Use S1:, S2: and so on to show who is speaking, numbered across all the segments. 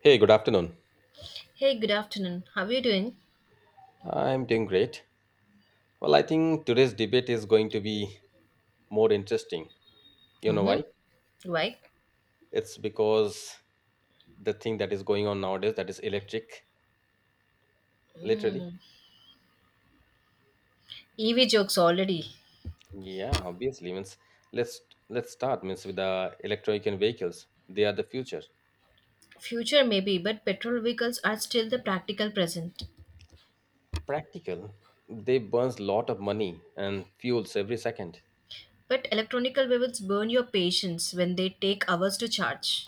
S1: Hey, good afternoon.
S2: Hey, good afternoon. How are you doing?
S1: I'm doing great. Well, I think today's debate is going to be more interesting. You know why?
S2: Mm-hmm. Right.
S1: It's because the thing that is going on nowadays that is electric, literally.
S2: Mm. EV jokes already.
S1: Yeah, obviously. Means let's let's start means with the electronic and vehicles. They are the future.
S2: Future maybe, but petrol vehicles are still the practical present.
S1: Practical. They burns lot of money and fuels every second.
S2: But electronical vehicles burn your patience when they take hours to charge.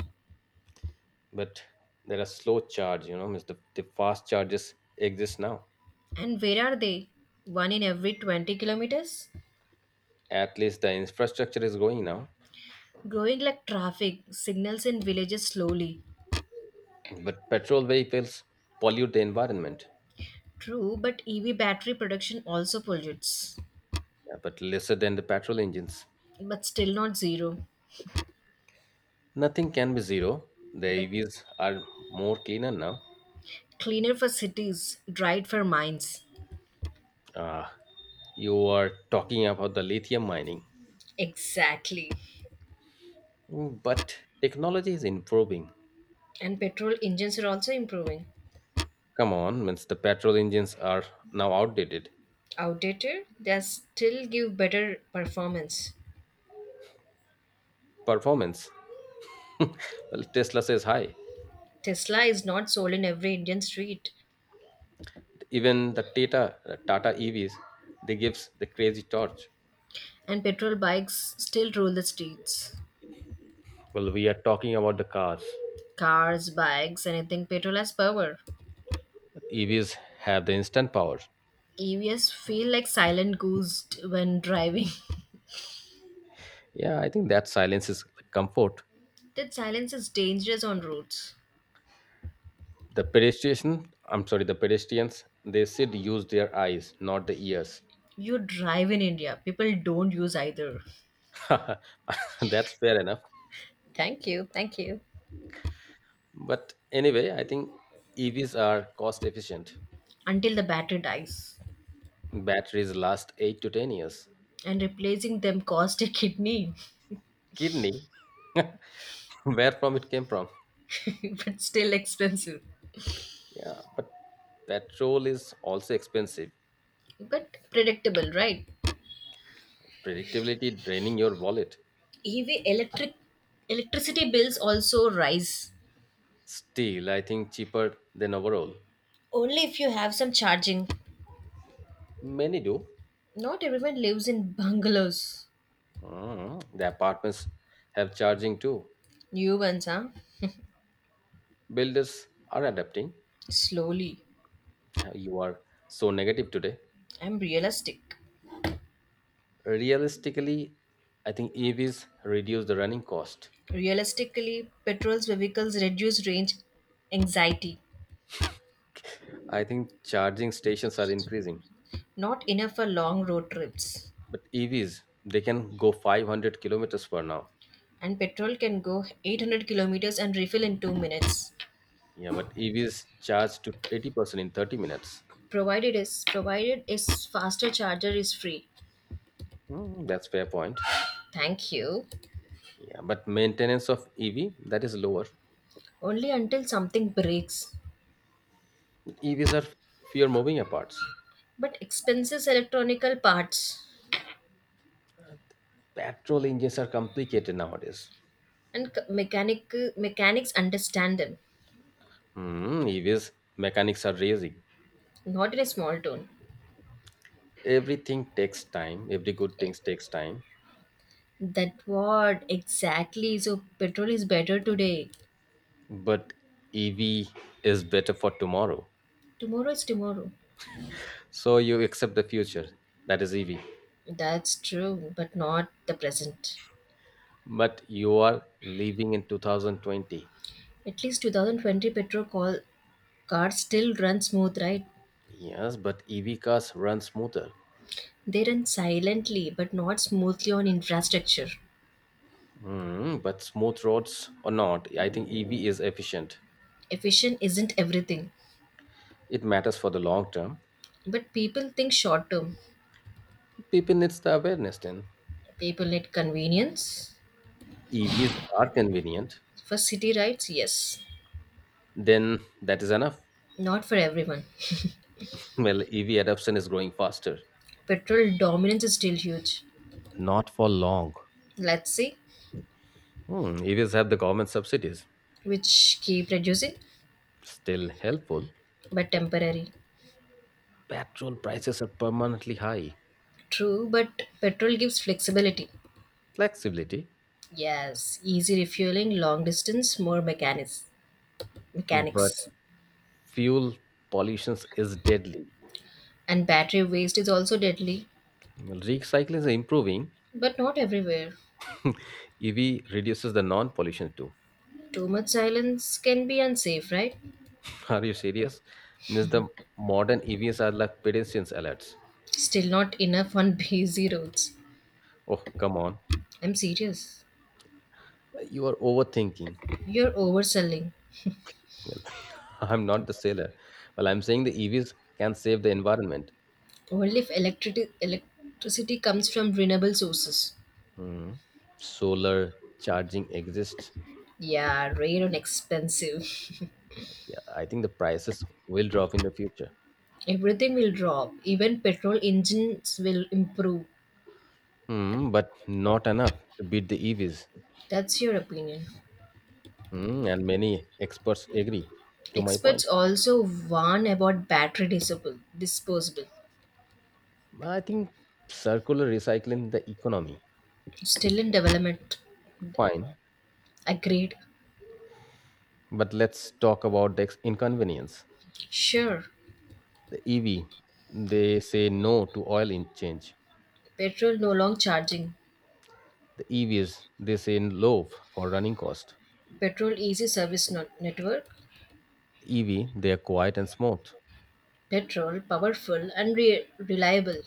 S1: But there are slow charge, means the fast charges exist now.
S2: And where are they? One in every 20 kilometers?
S1: At least the infrastructure is going now.
S2: Growing like traffic, signals in villages slowly.
S1: But petrol vehicles pollute the environment,
S2: True, but EV battery production also pollutes.
S1: yeah, but lesser than the petrol engines.
S2: But still not zero.
S1: Nothing can be zero. The
S2: But
S1: EVs are more cleaner now.
S2: cleaner for cities, dried for mines.
S1: Uh, you are talking about the lithium mining,
S2: Exactly.
S1: But technology is improving.
S2: And petrol engines are also improving.
S1: Come on, means the petrol engines are now outdated.
S2: Outdated, they still give better performance.
S1: Performance, well, Tesla says hi.
S2: Tesla is not sold in every Indian street,
S1: Even the Tata EVs, they gives the crazy torch.
S2: and petrol bikes still rule the streets.
S1: Well, we are talking about the cars.
S2: Cars, bikes, anything petrol has power.
S1: EVs have the instant power.
S2: EVs feel like silent goose when driving.
S1: Yeah, I think that silence is like, comfort.
S2: That silence is dangerous on roads.
S1: The pedestrian, I'm sorry, the pedestrians, they should use their eyes, not the ears.
S2: You drive in India, people don't use either.
S1: That's fair enough.
S2: Thank you, thank you.
S1: But anyway, I think EVs are cost efficient.
S2: Until the battery dies.
S1: Batteries last 8 to 10 years.
S2: And replacing them cost a kidney.
S1: Kidney, where from it came from.
S2: But still expensive,
S1: Yeah, but petrol is also expensive.
S2: but predictable, right?
S1: Predictability draining your wallet.
S2: EV electricity bills also rise.
S1: Still, I think cheaper than overall.
S2: Only if you have some charging.
S1: Many do.
S2: Not everyone lives in bungalows.
S1: The apartments have charging too.
S2: New ones, huh?
S1: Builders are adapting.
S2: Slowly.
S1: You are so negative today.
S2: I'm realistic.
S1: Realistically, I think EVs reduce the running cost.
S2: Realistically, petrol's vehicles reduce range anxiety.
S1: I think charging stations are increasing,
S2: Not enough for long road trips.
S1: but EVs they can go 500 kilometers per now.
S2: And petrol can go 800 kilometers and refill in 2 minutes.
S1: Yeah, but EVs charge to 80% in 30 minutes.
S2: Provided is provided is faster charger is free.
S1: That's fair point.
S2: Thank you.
S1: Yeah, but maintenance of EV that is lower.
S2: Only until something breaks.
S1: EVs are fewer moving parts.
S2: But expenses, electronical parts,
S1: Petrol engines are complicated nowadays.
S2: and mechanics understand them.
S1: EVs mechanics are raising.
S2: Not in a small town.
S1: Everything takes time, every good things takes time,
S2: That what exactly? So petrol is better today.
S1: but EV is better for tomorrow.
S2: Tomorrow is tomorrow.
S1: So you accept the future, that is EV,
S2: That's true, but not the present.
S1: but you are living in 2020.
S2: At least 2020 petrol call cars still run smooth, right?
S1: Yes, but EV cars run smoother.
S2: They run silently, but not smoothly on infrastructure.
S1: Hmm, but smooth roads or not, I think EV is efficient.
S2: Efficient isn't everything,
S1: It matters for the long term.
S2: but people think short term.
S1: People needs the awareness then.
S2: People need convenience.
S1: EVs are convenient.
S2: For city rides, yes.
S1: Then that is enough.
S2: Not for everyone.
S1: Well, EV adoption is growing faster.
S2: Petrol dominance is still huge.
S1: Not for long.
S2: Let's see,
S1: Hmm, EVs have the government subsidies,
S2: which keep reducing,
S1: still helpful.
S2: but temporary.
S1: Petrol prices are permanently high.
S2: True, but petrol gives flexibility.
S1: Flexibility,
S2: Yes, easy refueling, long distance, more mechanics.
S1: but
S2: Mechanics.
S1: fuel pollution is deadly.
S2: And battery waste is also deadly,
S1: Well, recycling is improving.
S2: but not everywhere.
S1: EV reduces the non-pollution too.
S2: Too much silence can be unsafe, right?
S1: Are you serious? Means the modern EVs are like pedestrians alerts.
S2: Still not enough on busy roads.
S1: Oh, come on.
S2: I'm serious.
S1: You are overthinking.
S2: You're overselling.
S1: I'm not the sailor. Well, I'm saying the EVs can save the environment.
S2: Only if electricity comes from renewable sources.
S1: Hmm. Solar charging exists.
S2: Yeah, rare and expensive.
S1: Yeah, I think the prices will drop in the future.
S2: Everything will drop. Even petrol engines will improve.
S1: Hmm, but not enough to beat the EVs.
S2: That's your opinion.
S1: Hmm, and many experts agree to my
S2: Experts
S1: point.
S2: also warn about battery disposable.
S1: I think circular recycling the economy.
S2: Still in development.
S1: Fine,
S2: Agreed.
S1: but let's talk about the inconvenience.
S2: Sure.
S1: The EV, they say no to oil in change.
S2: Petrol no long charging.
S1: The EVs, they say low for running cost.
S2: Petrol easy service network.
S1: EV, they are quiet and smooth.
S2: Petrol powerful and reliable.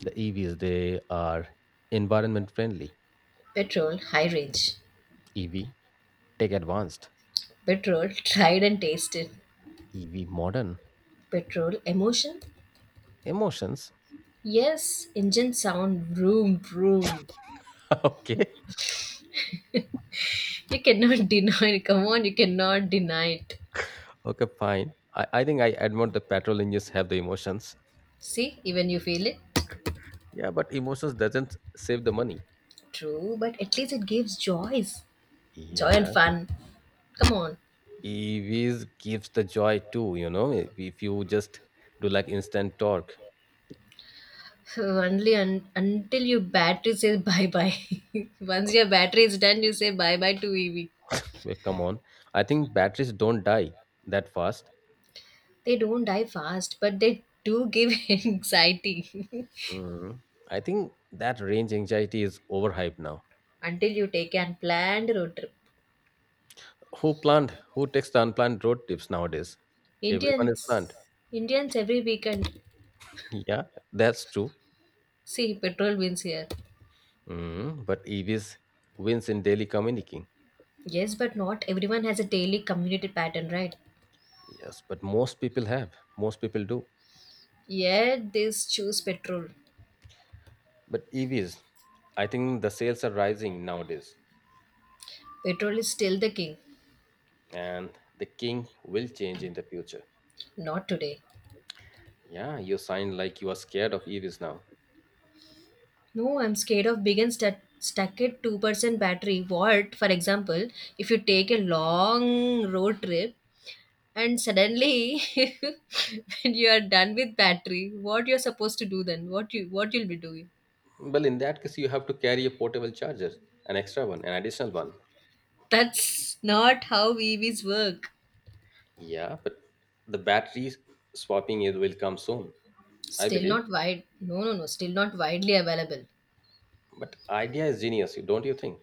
S1: The EVs, they are environment friendly.
S2: Petrol high range.
S1: EV, tech advanced.
S2: Petrol tried and tasted.
S1: EV modern.
S2: Petrol emotion?
S1: Emotions.
S2: Yes, engine sound vroom vroom.
S1: okay.
S2: You cannot deny it. Come on, you cannot deny it.
S1: Okay, fine. I think I admit the petrol engines have the emotions.
S2: See, even you feel it.
S1: Yeah, but emotions doesn't save the money.
S2: True, but at least it gives joy
S1: Yeah.
S2: and fun. Come on.
S1: EVs gives the joy too, if you just do like instant torque.
S2: Only until your battery says bye bye. Once your battery is done, you say bye bye to EV.
S1: Well, come on. I think batteries don't die that fast.
S2: They don't die fast, but they do give anxiety
S1: Mhm. I think that range anxiety is overhyped now.
S2: until you take an planned road trip.
S1: Who planned? Who takes the unplanned road trips nowadays? Everyone is planned.
S2: Indians, Indians every weekend.
S1: Yeah, that's true.
S2: See, petrol wins here.
S1: But EVs wins in daily communicating.
S2: Yes, but not everyone has a daily commuter pattern, right?
S1: Yes, but most people have. Most people do.
S2: Yet they choose petrol.
S1: But EVs, I think the sales are rising nowadays,
S2: Petrol is still the king.
S1: and the king will change in the future.
S2: Not today.
S1: Yeah, you sound like you are scared of EVs now.
S2: No, I'm scared of big and stuck at 2% battery. What, for example, if you take a long road trip and suddenly when you are done with battery, what you're supposed to do then? What you'll be doing?
S1: Well, in that case, you have to carry a portable charger, an extra one, an additional one.
S2: That's not how EVs work.
S1: Yeah, but the battery swapping is will come soon, I
S2: Still
S1: believe.
S2: not wide. No, no, no. Still not widely available.
S1: But idea is genius, don't you think?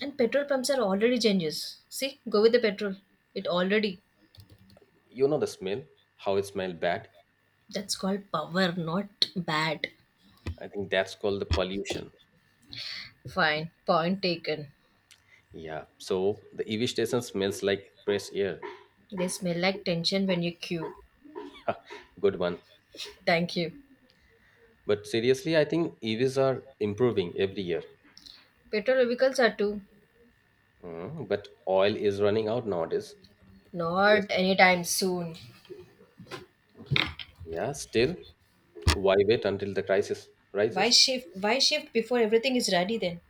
S2: And petrol pumps are already genius. See, go with the petrol. It already.
S1: You know the smell, how it smells bad.
S2: That's called power, not bad.
S1: I think that's called the pollution.
S2: Fine, point taken.
S1: Yeah, so the EV station smells like fresh air.
S2: They smell like tension when you queue.
S1: Good one.
S2: Thank you.
S1: But seriously, I think EVs are improving every year.
S2: Petrol vehicles are too.
S1: But oil is running out nowadays. Yes.
S2: Not anytime soon.
S1: Yeah, still, why wait until the crisis
S2: Why
S1: rises?
S2: shift? Why shift before everything is ready then?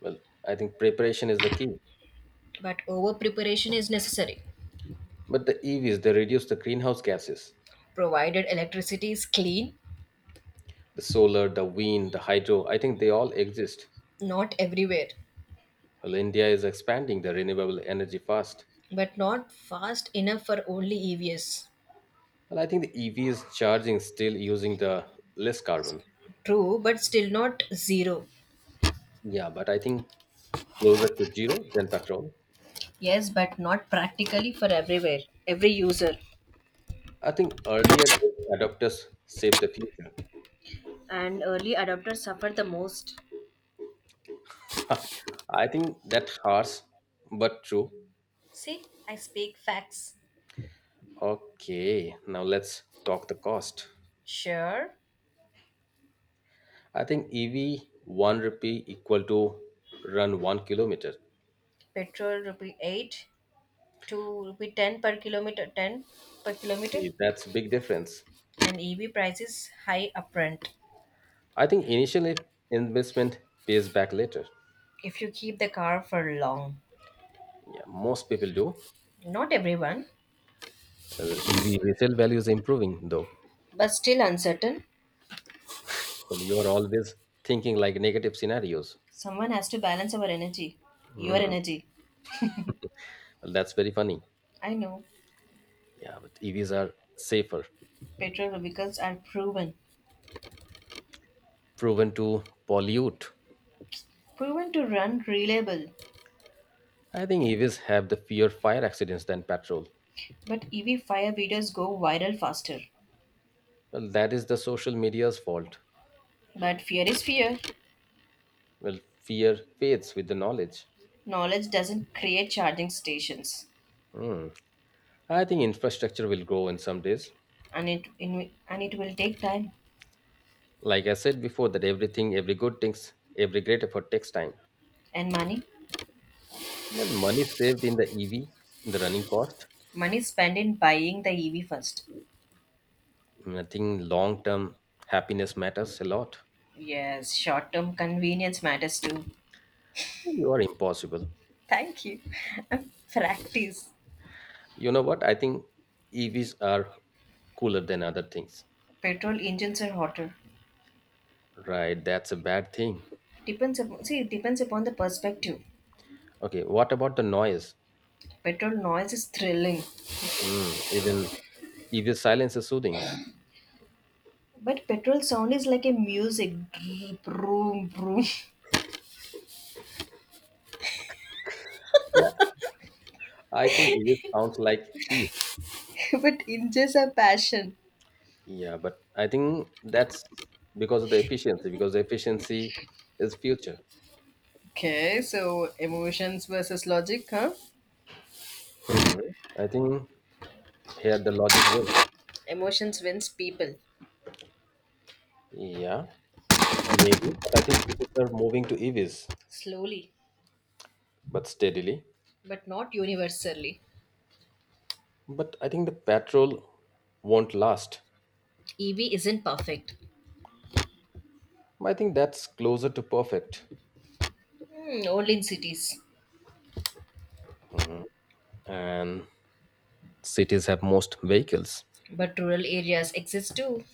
S1: Well, I think preparation is the key.
S2: But over preparation is necessary.
S1: But the EVs, they reduce the greenhouse gases.
S2: Provided electricity is clean,
S1: The solar, the wind, the hydro, I think they all exist.
S2: not everywhere,
S1: Well, India is expanding the renewable energy fast.
S2: but not fast enough for only EVs.
S1: Well, I think the EV is charging still using the less carbon.
S2: True, but still not zero.
S1: Yeah, but I think closer to zero than petrol.
S2: Yes, but not practically for everywhere, every user.
S1: I think earlier adopters saved the future.
S2: And early adopters suffer the most.
S1: I think that harsh, but true.
S2: See, I speak facts.
S1: Okay, now let's talk the cost.
S2: Sure,
S1: I think EV 1 rupee equal to run 1 kilometer.
S2: petrol rupee 8 to rupee 10 per kilometer, 10 per kilometer,
S1: See, that's big difference.
S2: and EV prices high upfront
S1: I think initially investment pays back later.
S2: if you keep the car for long.
S1: Yeah, most people do.
S2: Not everyone.
S1: EV resale value is improving though.
S2: But still uncertain.
S1: Well, you're always thinking like negative scenarios.
S2: Someone has to balance our energy. Your
S1: Hmm.
S2: energy.
S1: Well, that's very funny.
S2: I know.
S1: Yeah, but EVs are safer,
S2: Petrol vehicles are proven.
S1: proven to pollute.
S2: Proven to run reliable.
S1: I think EVs have the fear fire accidents than petrol.
S2: But EV fire videos go viral faster.
S1: Well, that is the social media's fault.
S2: But fear is fear.
S1: Well, fear fades with the knowledge.
S2: Knowledge doesn't create charging stations,
S1: Hmm. I think infrastructure will grow in some days.
S2: and it will take time
S1: Like I said before, that everything, every good things, every great effort takes time.
S2: and money.
S1: Well, money saved in the EV, the running cost.
S2: Money spent in buying the EV first.
S1: I think long term happiness matters a lot.
S2: Yes, short-term convenience matters too.
S1: You are impossible.
S2: Thank you. Practice.
S1: You know what? I think EVs are cooler than other things.
S2: Petrol engines are hotter.
S1: Right, that's a bad thing.
S2: See, it depends upon the perspective.
S1: Okay, what about the noise?
S2: Petrol noise is thrilling,
S1: Even EV silence is soothing.
S2: but petrol sound is like a music, vroom vroom.
S1: Yeah, I think EV sounds like peace.
S2: But engines are passion.
S1: Yeah, but I think that's because of the efficiency, because the efficiency is future.
S2: Okay, so emotions versus logic, huh?
S1: Hmm. I think here the logic will.
S2: Emotions wins people.
S1: Yeah, maybe. But I think people are moving to EVs,
S2: Slowly,
S1: but steadily.
S2: but not universally.
S1: But I think the petrol won't last.
S2: EV isn't perfect.
S1: I think that's closer to perfect.
S2: Hmm, only in cities.
S1: And cities have most vehicles.
S2: But rural areas exist too.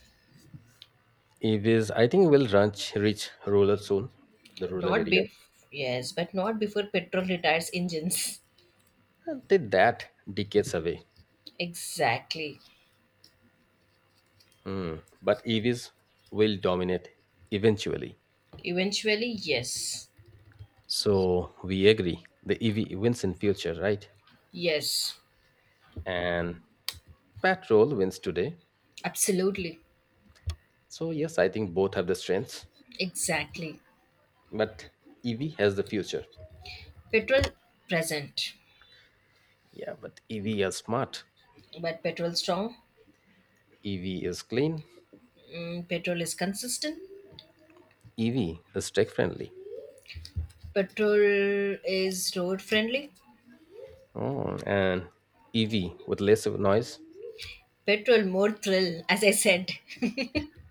S1: EVs, I think, will reach rural soon, the rural
S2: Not
S1: area.
S2: bef yes, but not before petrol retires engines.
S1: I think that decades away.
S2: Exactly.
S1: Hmm. But EVs will dominate eventually.
S2: Eventually, yes.
S1: So we agree. The EV wins in future, right?
S2: Yes,
S1: And petrol wins today.
S2: absolutely.
S1: So yes, I think both have the strengths,
S2: Exactly.
S1: but EV has the future.
S2: Petrol present,
S1: Yeah, but EV is smart.
S2: but petrol strong.
S1: EV is clean.
S2: Mm, petrol is consistent.
S1: EV is tech friendly.
S2: Petrol is road friendly.
S1: Oh, and EV with less of noise,
S2: Petrol more thrill, as I said.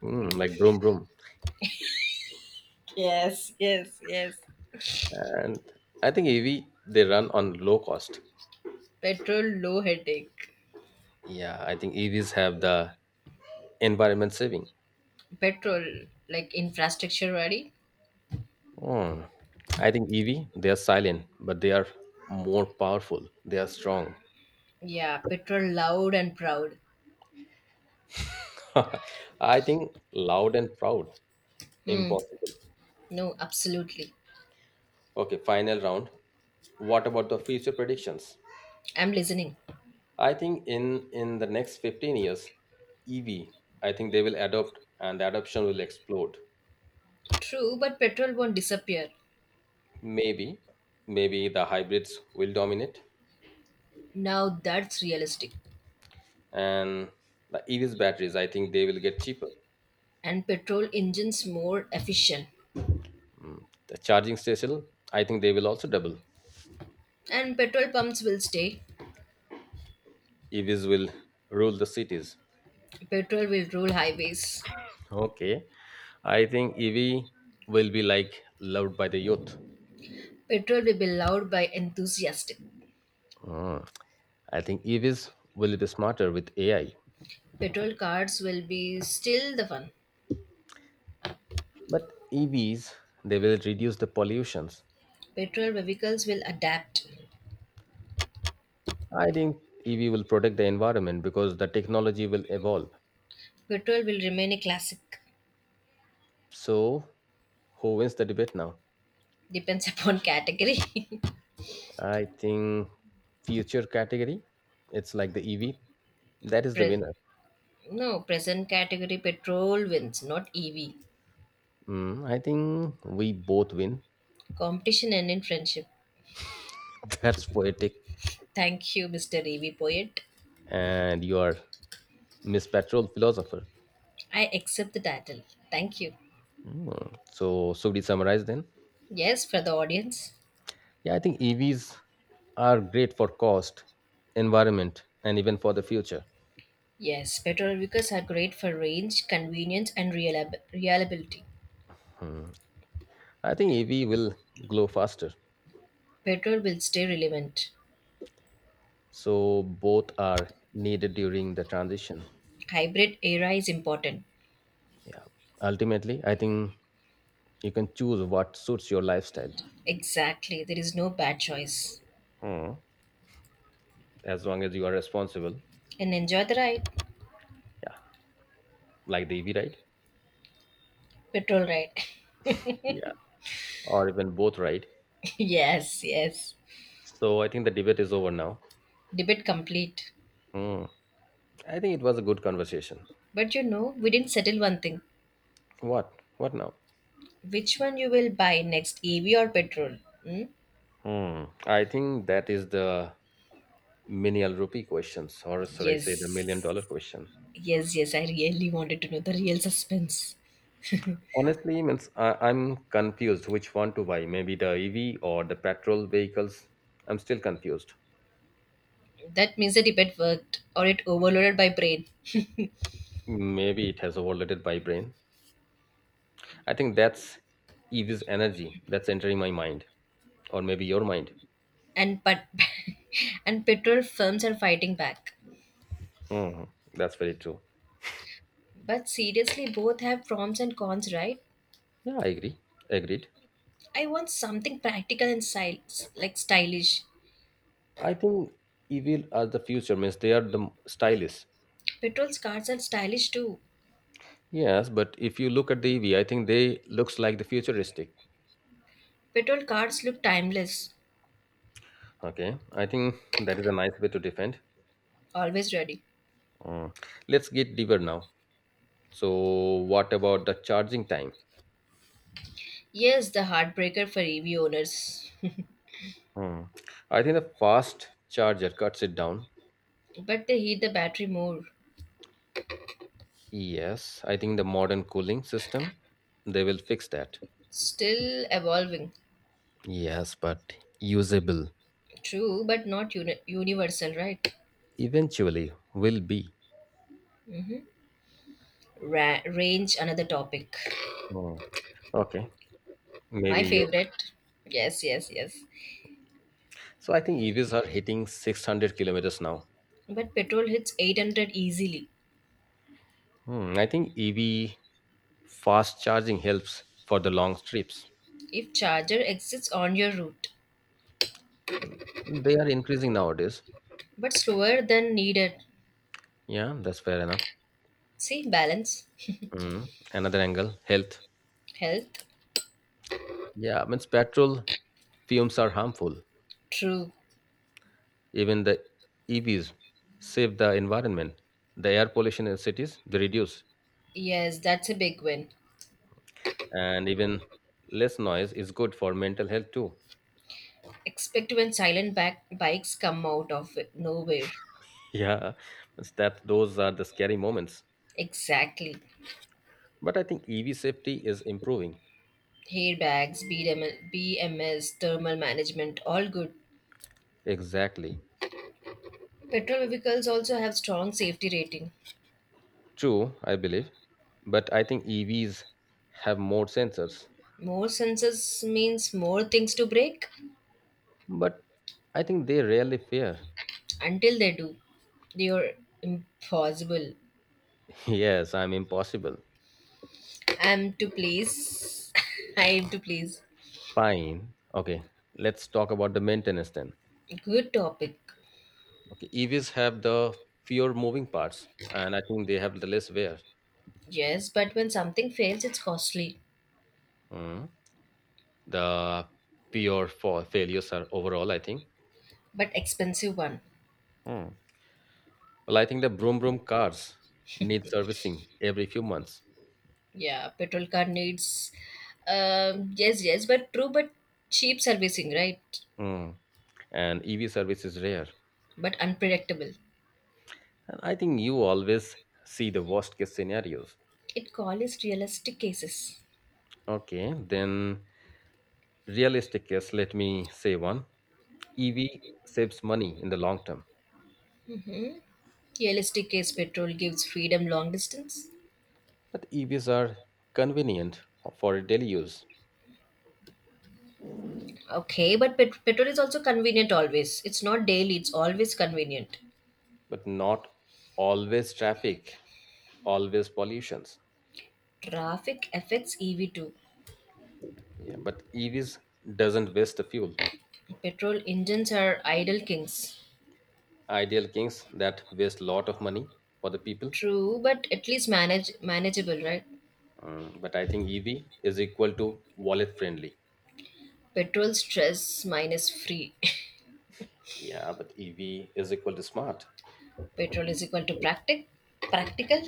S1: like broom broom.
S2: Yes, yes, yes.
S1: And I think EV they run on low cost.
S2: Petrol low headache.
S1: Yeah, I think EVs have the environment saving.
S2: Petrol like infrastructure ready.
S1: Oh, I think EV they are silent, but they are more powerful. They are strong.
S2: Yeah, petrol loud and proud.
S1: I think loud and proud,
S2: Hmm.
S1: impossible.
S2: No, absolutely.
S1: Okay, final round. What about the future predictions?
S2: I'm listening.
S1: I think in the next 15 years, EV, I think they will adopt and the adoption will explode.
S2: True, but petrol won't disappear.
S1: Maybe, maybe the hybrids will dominate
S2: Now that's realistic.
S1: and the EVs batteries, I think they will get cheaper.
S2: And petrol engines more efficient.
S1: The charging station, I think they will also double.
S2: And petrol pumps will stay.
S1: EVs will rule the cities.
S2: Petrol will rule highways.
S1: Okay. I think EV will be like loved by the youth.
S2: Petrol will be loved by enthusiastic.
S1: Mm. I think EVs will be smarter with AI.
S2: Petrol cars will be still the one.
S1: But EVs, they will reduce the pollutions.
S2: Petrol vehicles will adapt.
S1: I think EV will protect the environment because the technology will evolve.
S2: Petrol will remain a classic.
S1: So, who wins the debate now?
S2: Depends upon category.
S1: I think future category, it's like the EV. That is the
S2: Pre-
S1: winner.
S2: no, present category petrol wins, not EV.
S1: I think we both win.
S2: Competition and in friendship.
S1: That's poetic.
S2: Thank you, Mr. EV Poet.
S1: And you are Miss Petrol philosopher.
S2: I accept the title. Thank you.
S1: So, should we summarize then?
S2: Yes, for the audience.
S1: Yeah, I think EVs are great for cost, environment, and even for the future.
S2: Yes, petrol vehicles are great for range, convenience, and reliability.
S1: Hmm. I think EV will glow faster.
S2: Petrol will stay relevant.
S1: So both are needed during the transition.
S2: Hybrid era is important.
S1: Yeah, ultimately I think you can choose what suits your lifestyle.
S2: Exactly. There is no bad choice.
S1: Hmm. As long as you are responsible.
S2: And enjoy the ride.
S1: Yeah, like the EV ride.
S2: Petrol ride.
S1: Yeah, or even both ride.
S2: Yes, yes.
S1: So I think the debate is over now.
S2: Debate complete.
S1: Hmm. I think it was a good conversation.
S2: But we didn't settle one thing.
S1: What now?
S2: Which one you will buy next, EV or petrol? Hmm?
S1: Hmm. I think that is the million rupee questions or should I say the million
S2: Yes.
S1: dollar question.
S2: Yes, yes. I really wanted to know the real suspense.
S1: Honestly, means I'm confused which one to buy, maybe the EV or the petrol vehicles. I'm still confused.
S2: That means the debate worked or it overloaded my brain.
S1: Maybe it has overloaded my brain. I think that's EV's energy that's entering my mind, or maybe your mind.
S2: And but and petrol firms are fighting back.
S1: Hmm. That's very true.
S2: But seriously, both have pros and cons, right?
S1: Yeah, I agree. Agreed.
S2: I want something practical and stylish, like stylish.
S1: I think EV are the future, means they are the stylish.
S2: Petrol cars are stylish too.
S1: Yes, but if you look at the EV, I think they looks like the futuristic.
S2: Petrol cars look timeless,
S1: Okay, I think that is a nice way to defend.
S2: always ready.
S1: Mm. Let's get deeper now. So, what about the charging time?
S2: Yes, the heartbreaker for EV owners.
S1: Hmm. I think the fast charger cuts it down.
S2: But they heat the battery more.
S1: Yes, I think the modern cooling system they will fix that.
S2: Still evolving,
S1: Yes, but usable
S2: true, but not universal, right?
S1: eventually will be.
S2: Range, another topic.
S1: Hmm. Okay,
S2: My
S1: maybe you.
S2: favorite. Yes, yes, yes.
S1: So I think EVs are hitting 600 kilometers now.
S2: But petrol hits 800 easily
S1: Hmm. I think EV fast charging helps for the long trips.
S2: if charger exists on your route,
S1: They are increasing nowadays.
S2: but slower than needed.
S1: Yeah, that's fair enough.
S2: See, balance.
S1: Hmm. Another angle, health.
S2: Health?
S1: Yeah, means petrol fumes are harmful.
S2: True.
S1: Even the EVs save the environment. The air pollution in cities they reduce,
S2: Yes, that's a big win.
S1: and even less noise is good for mental health too.
S2: Expect when silent back bikes come out of nowhere.
S1: Yeah, means that those are the scary moments.
S2: Exactly.
S1: But I think EV safety is improving.
S2: Hair bags, BMS, thermal management, all good.
S1: Exactly.
S2: Petrol vehicles also have strong safety rating.
S1: True, I believe. But I think EVs have more sensors.
S2: More sensors means more things to break.
S1: But I think they rarely fear.
S2: Until they do, they are impossible.
S1: Yes, I'm impossible.
S2: I'm to please. I am to please.
S1: Fine. Okay. Let's talk about the maintenance then.
S2: Good topic.
S1: Okay. EVs have the fewer moving parts, and I think they have the less wear.
S2: Yes, but when something fails, it's costly.
S1: Mm. The fewer for failures are overall, I think.
S2: But expensive one.
S1: Mm. Well, I think the broom broom cars need servicing every few months.
S2: Yeah, petrol car needs. Yes, yes, but true, but cheap servicing, right?
S1: Mm. And EV service is rare.
S2: But unpredictable.
S1: And I think you always see the worst case scenarios.
S2: It call is realistic cases.
S1: Okay, then realistic case. Let me say one. EV saves money in the long term.
S2: Realistic case petrol gives freedom long distance.
S1: But EVs are convenient for daily use,
S2: Okay, but petrol is also convenient always. It's not daily, it's always convenient.
S1: but not always traffic, always pollutions.
S2: Traffic affects EV too.
S1: Yeah, but EVs doesn't waste the fuel.
S2: Petrol engines are idle kings.
S1: Ideal kings that waste lot of money for the people.
S2: True, but at least manageable, right?
S1: Mm, but I think EV is equal to wallet friendly.
S2: Petrol stress minus free.
S1: Yeah, but EV is equal to smart.
S2: Petrol is equal to practical.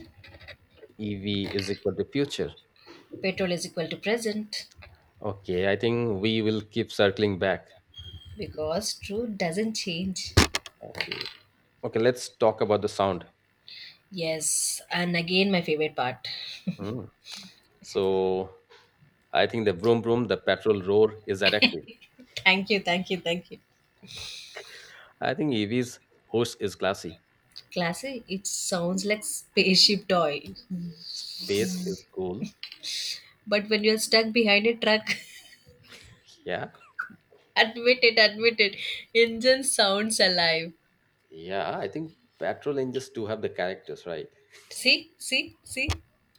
S1: EV is equal to future.
S2: Petrol is equal to present
S1: Okay, I think we will keep circling back.
S2: because truth doesn't change.
S1: Okay. Okay, let's talk about the sound.
S2: Yes, and again, my favorite part.
S1: Mm. So I think the vroom vroom, the petrol roar is addictive.
S2: Thank you, thank you, thank you.
S1: I think EV's host is classy.
S2: Classy, it sounds like spaceship toy.
S1: Space is cool.
S2: But when you're stuck behind a truck,
S1: Yeah.
S2: admit it, engine sounds alive.
S1: Yeah. I think petrol engines do have the characters, right?
S2: See, see, see.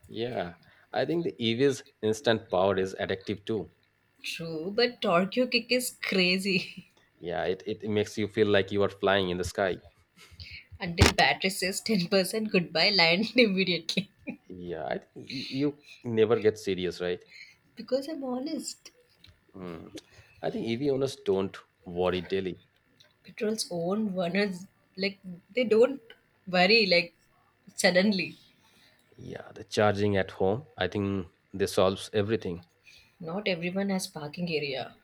S1: Yeah. I think the EV's instant power is addictive too.
S2: True, but Tokyo kick is crazy.
S1: Yeah. It makes you feel like you are flying in the sky.
S2: Until battery says 10% goodbye, land immediately.
S1: Yeah. I think you never get serious, right?
S2: Because I'm honest.
S1: Mm. I think EV owners don't worry daily.
S2: Petrol's own runners, like they don't worry like suddenly.
S1: Yeah. The charging at home, I think this solves everything.
S2: Not everyone has parking area.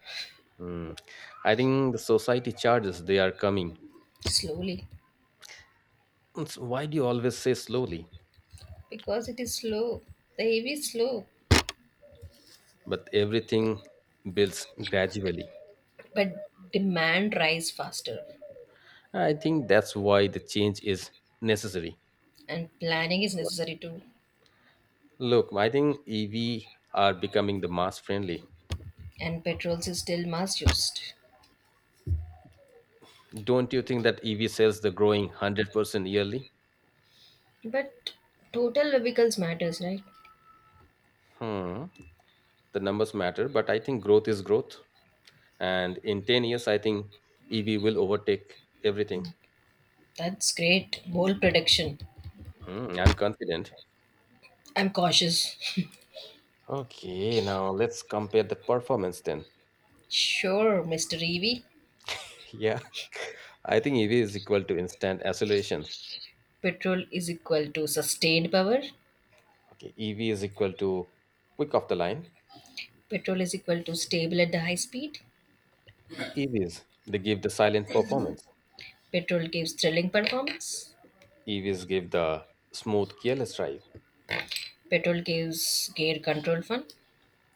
S1: Mm. I think the society charges they are coming.
S2: Slowly,
S1: It's why do you always say slowly?
S2: because it is slow. The AV is slow,
S1: But everything builds gradually.
S2: but demand rise faster,
S1: I think that's why the change is necessary.
S2: and planning is necessary too.
S1: Look, I think EV are becoming the mass friendly.
S2: And petrols is still mass used,
S1: Don't you think that EV sales the growing 100% yearly?
S2: but total vehicles matters, right?
S1: Hmm. The numbers matter, but I think growth is growth. And in 10 years, I think EV will overtake everything.
S2: That's great. Bold prediction.
S1: Hmm, I'm confident.
S2: I'm cautious.
S1: Okay, now let's compare the performance then.
S2: Sure, Mr. EV.
S1: Yeah, I think EV is equal to instant accelerations.
S2: Petrol is equal to sustained power.
S1: Okay, EV is equal to quick off the line.
S2: Petrol is equal to stable at the high speed.
S1: EVs, they give the silent performance.
S2: Petrol gives thrilling performance.
S1: EVs give the smooth, careless drive.
S2: Petrol gives gear control fun.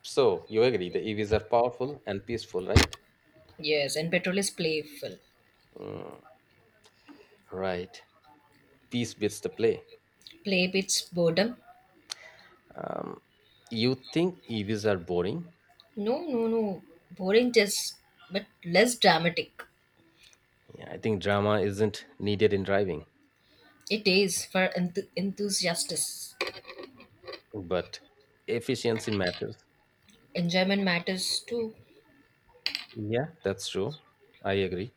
S1: So, you agree the EVs are powerful and peaceful, right?
S2: Yes, and petrol is playful.
S1: Mm, right. Peace beats the play.
S2: Play beats boredom.
S1: Um, you think EVs are boring?
S2: No, no, no. Boring just, but less dramatic.
S1: Yeah, I think drama isn't needed in driving,
S2: It is for enthusiasts.
S1: but efficiency matters.
S2: Enjoyment matters too.
S1: Yeah, that's true. I agree.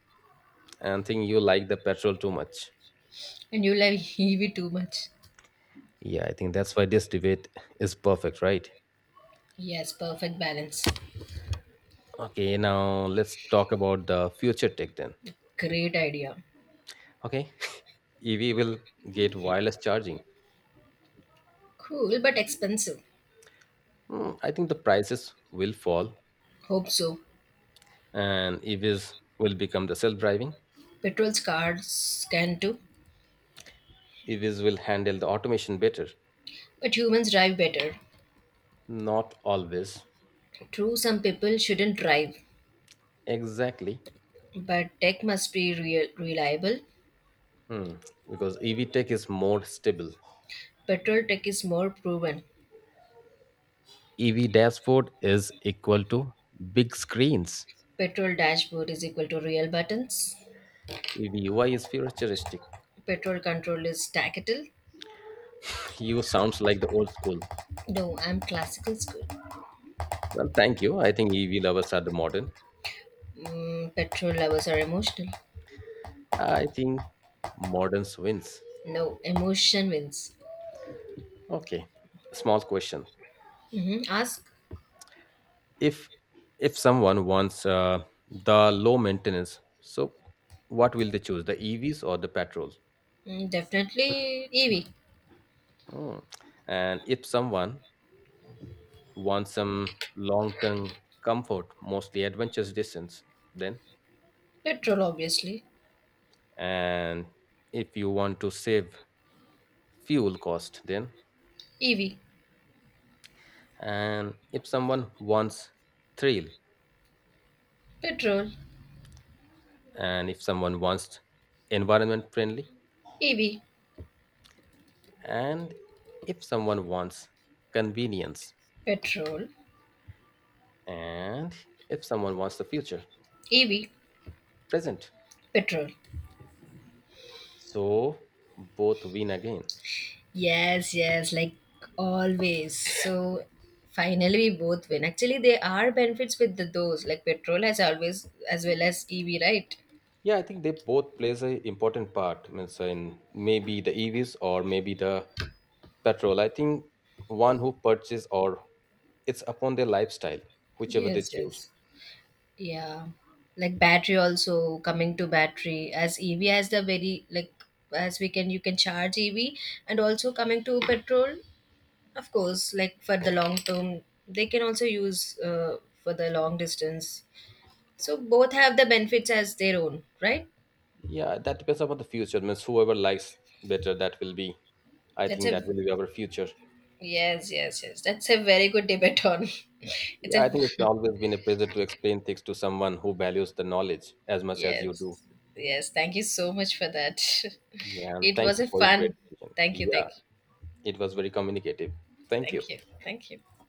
S1: And think you like the petrol too much.
S2: And you like heavy too much.
S1: Yeah, I think that's why this debate is perfect, right?
S2: Yes, perfect balance.
S1: Okay, now let's talk about the future tech then.
S2: Great idea.
S1: Okay, EV will get wireless charging.
S2: Cool, but expensive.
S1: Hmm, I think the prices will fall
S2: Hope so.
S1: and EVs will become the self driving.
S2: Petrol's cars can too,
S1: EVs will handle the automation better.
S2: but humans drive better.
S1: Not always.
S2: True, some people shouldn't drive,
S1: Exactly.
S2: but tech must be real, reliable.
S1: Hmm. Because EV tech is more stable.
S2: Petrol tech is more proven.
S1: EV dashboard is equal to big screens.
S2: Petrol dashboard is equal to real buttons.
S1: EV. Why is futuristic?
S2: Petrol control is tactile.
S1: You sounds like the old school.
S2: No, I'm classical school.
S1: Well, thank you. I think EV lovers are the modern.
S2: Mm, petrol lovers are emotional.
S1: I think modern wins.
S2: No, emotion wins.
S1: Okay, small question.
S2: Hmm. Ask.
S1: If if someone wants the low maintenance, so what will they choose? The EVs or the petrols?
S2: Mm, definitely EV.
S1: Hmm. And if someone wants some long term comfort, mostly adventurous distance, then.
S2: Petrol, obviously.
S1: And if you want to save fuel cost, then.
S2: EV.
S1: And if someone wants thrill.
S2: Petrol.
S1: And if someone wants environment friendly.
S2: EV.
S1: And if someone wants convenience.
S2: Petrol.
S1: And if someone wants the future.
S2: EV.
S1: Present.
S2: Petrol.
S1: So both win again.
S2: Yes, yes, like always. So finally we both win. Actually, there are benefits with those, like petrol as always, as well as EV, right?
S1: Yeah, I think they both plays a important part, means in maybe the EVs or maybe the petrol. I think one who purchase or it's upon their lifestyle, whichever they
S2: Yes,
S1: choose.
S2: yes. Yeah. Like battery also coming to battery as EV has the very like as we can you can charge EV and also coming to petrol, of course, like for the long term, they can also use for the long distance. So both have the benefits as their own, right?
S1: Yeah, that depends upon the future. Means whoever likes better, that will be. I
S2: That's
S1: think
S2: a
S1: that will be our future.
S2: Yes, yes, yes. That's a very good debate on. It's
S1: Yeah, I
S2: a
S1: think it's always been a pleasure to explain things to someone who values the knowledge as much as you do.
S2: yes, yes. Thank you so much for that.
S1: Yeah, and
S2: It
S1: thank
S2: was
S1: you
S2: a
S1: for your great
S2: fun.
S1: decision.
S2: Thank you,
S1: Yeah,
S2: thank you,
S1: it was very communicative. Thank you.
S2: thank you, thank you.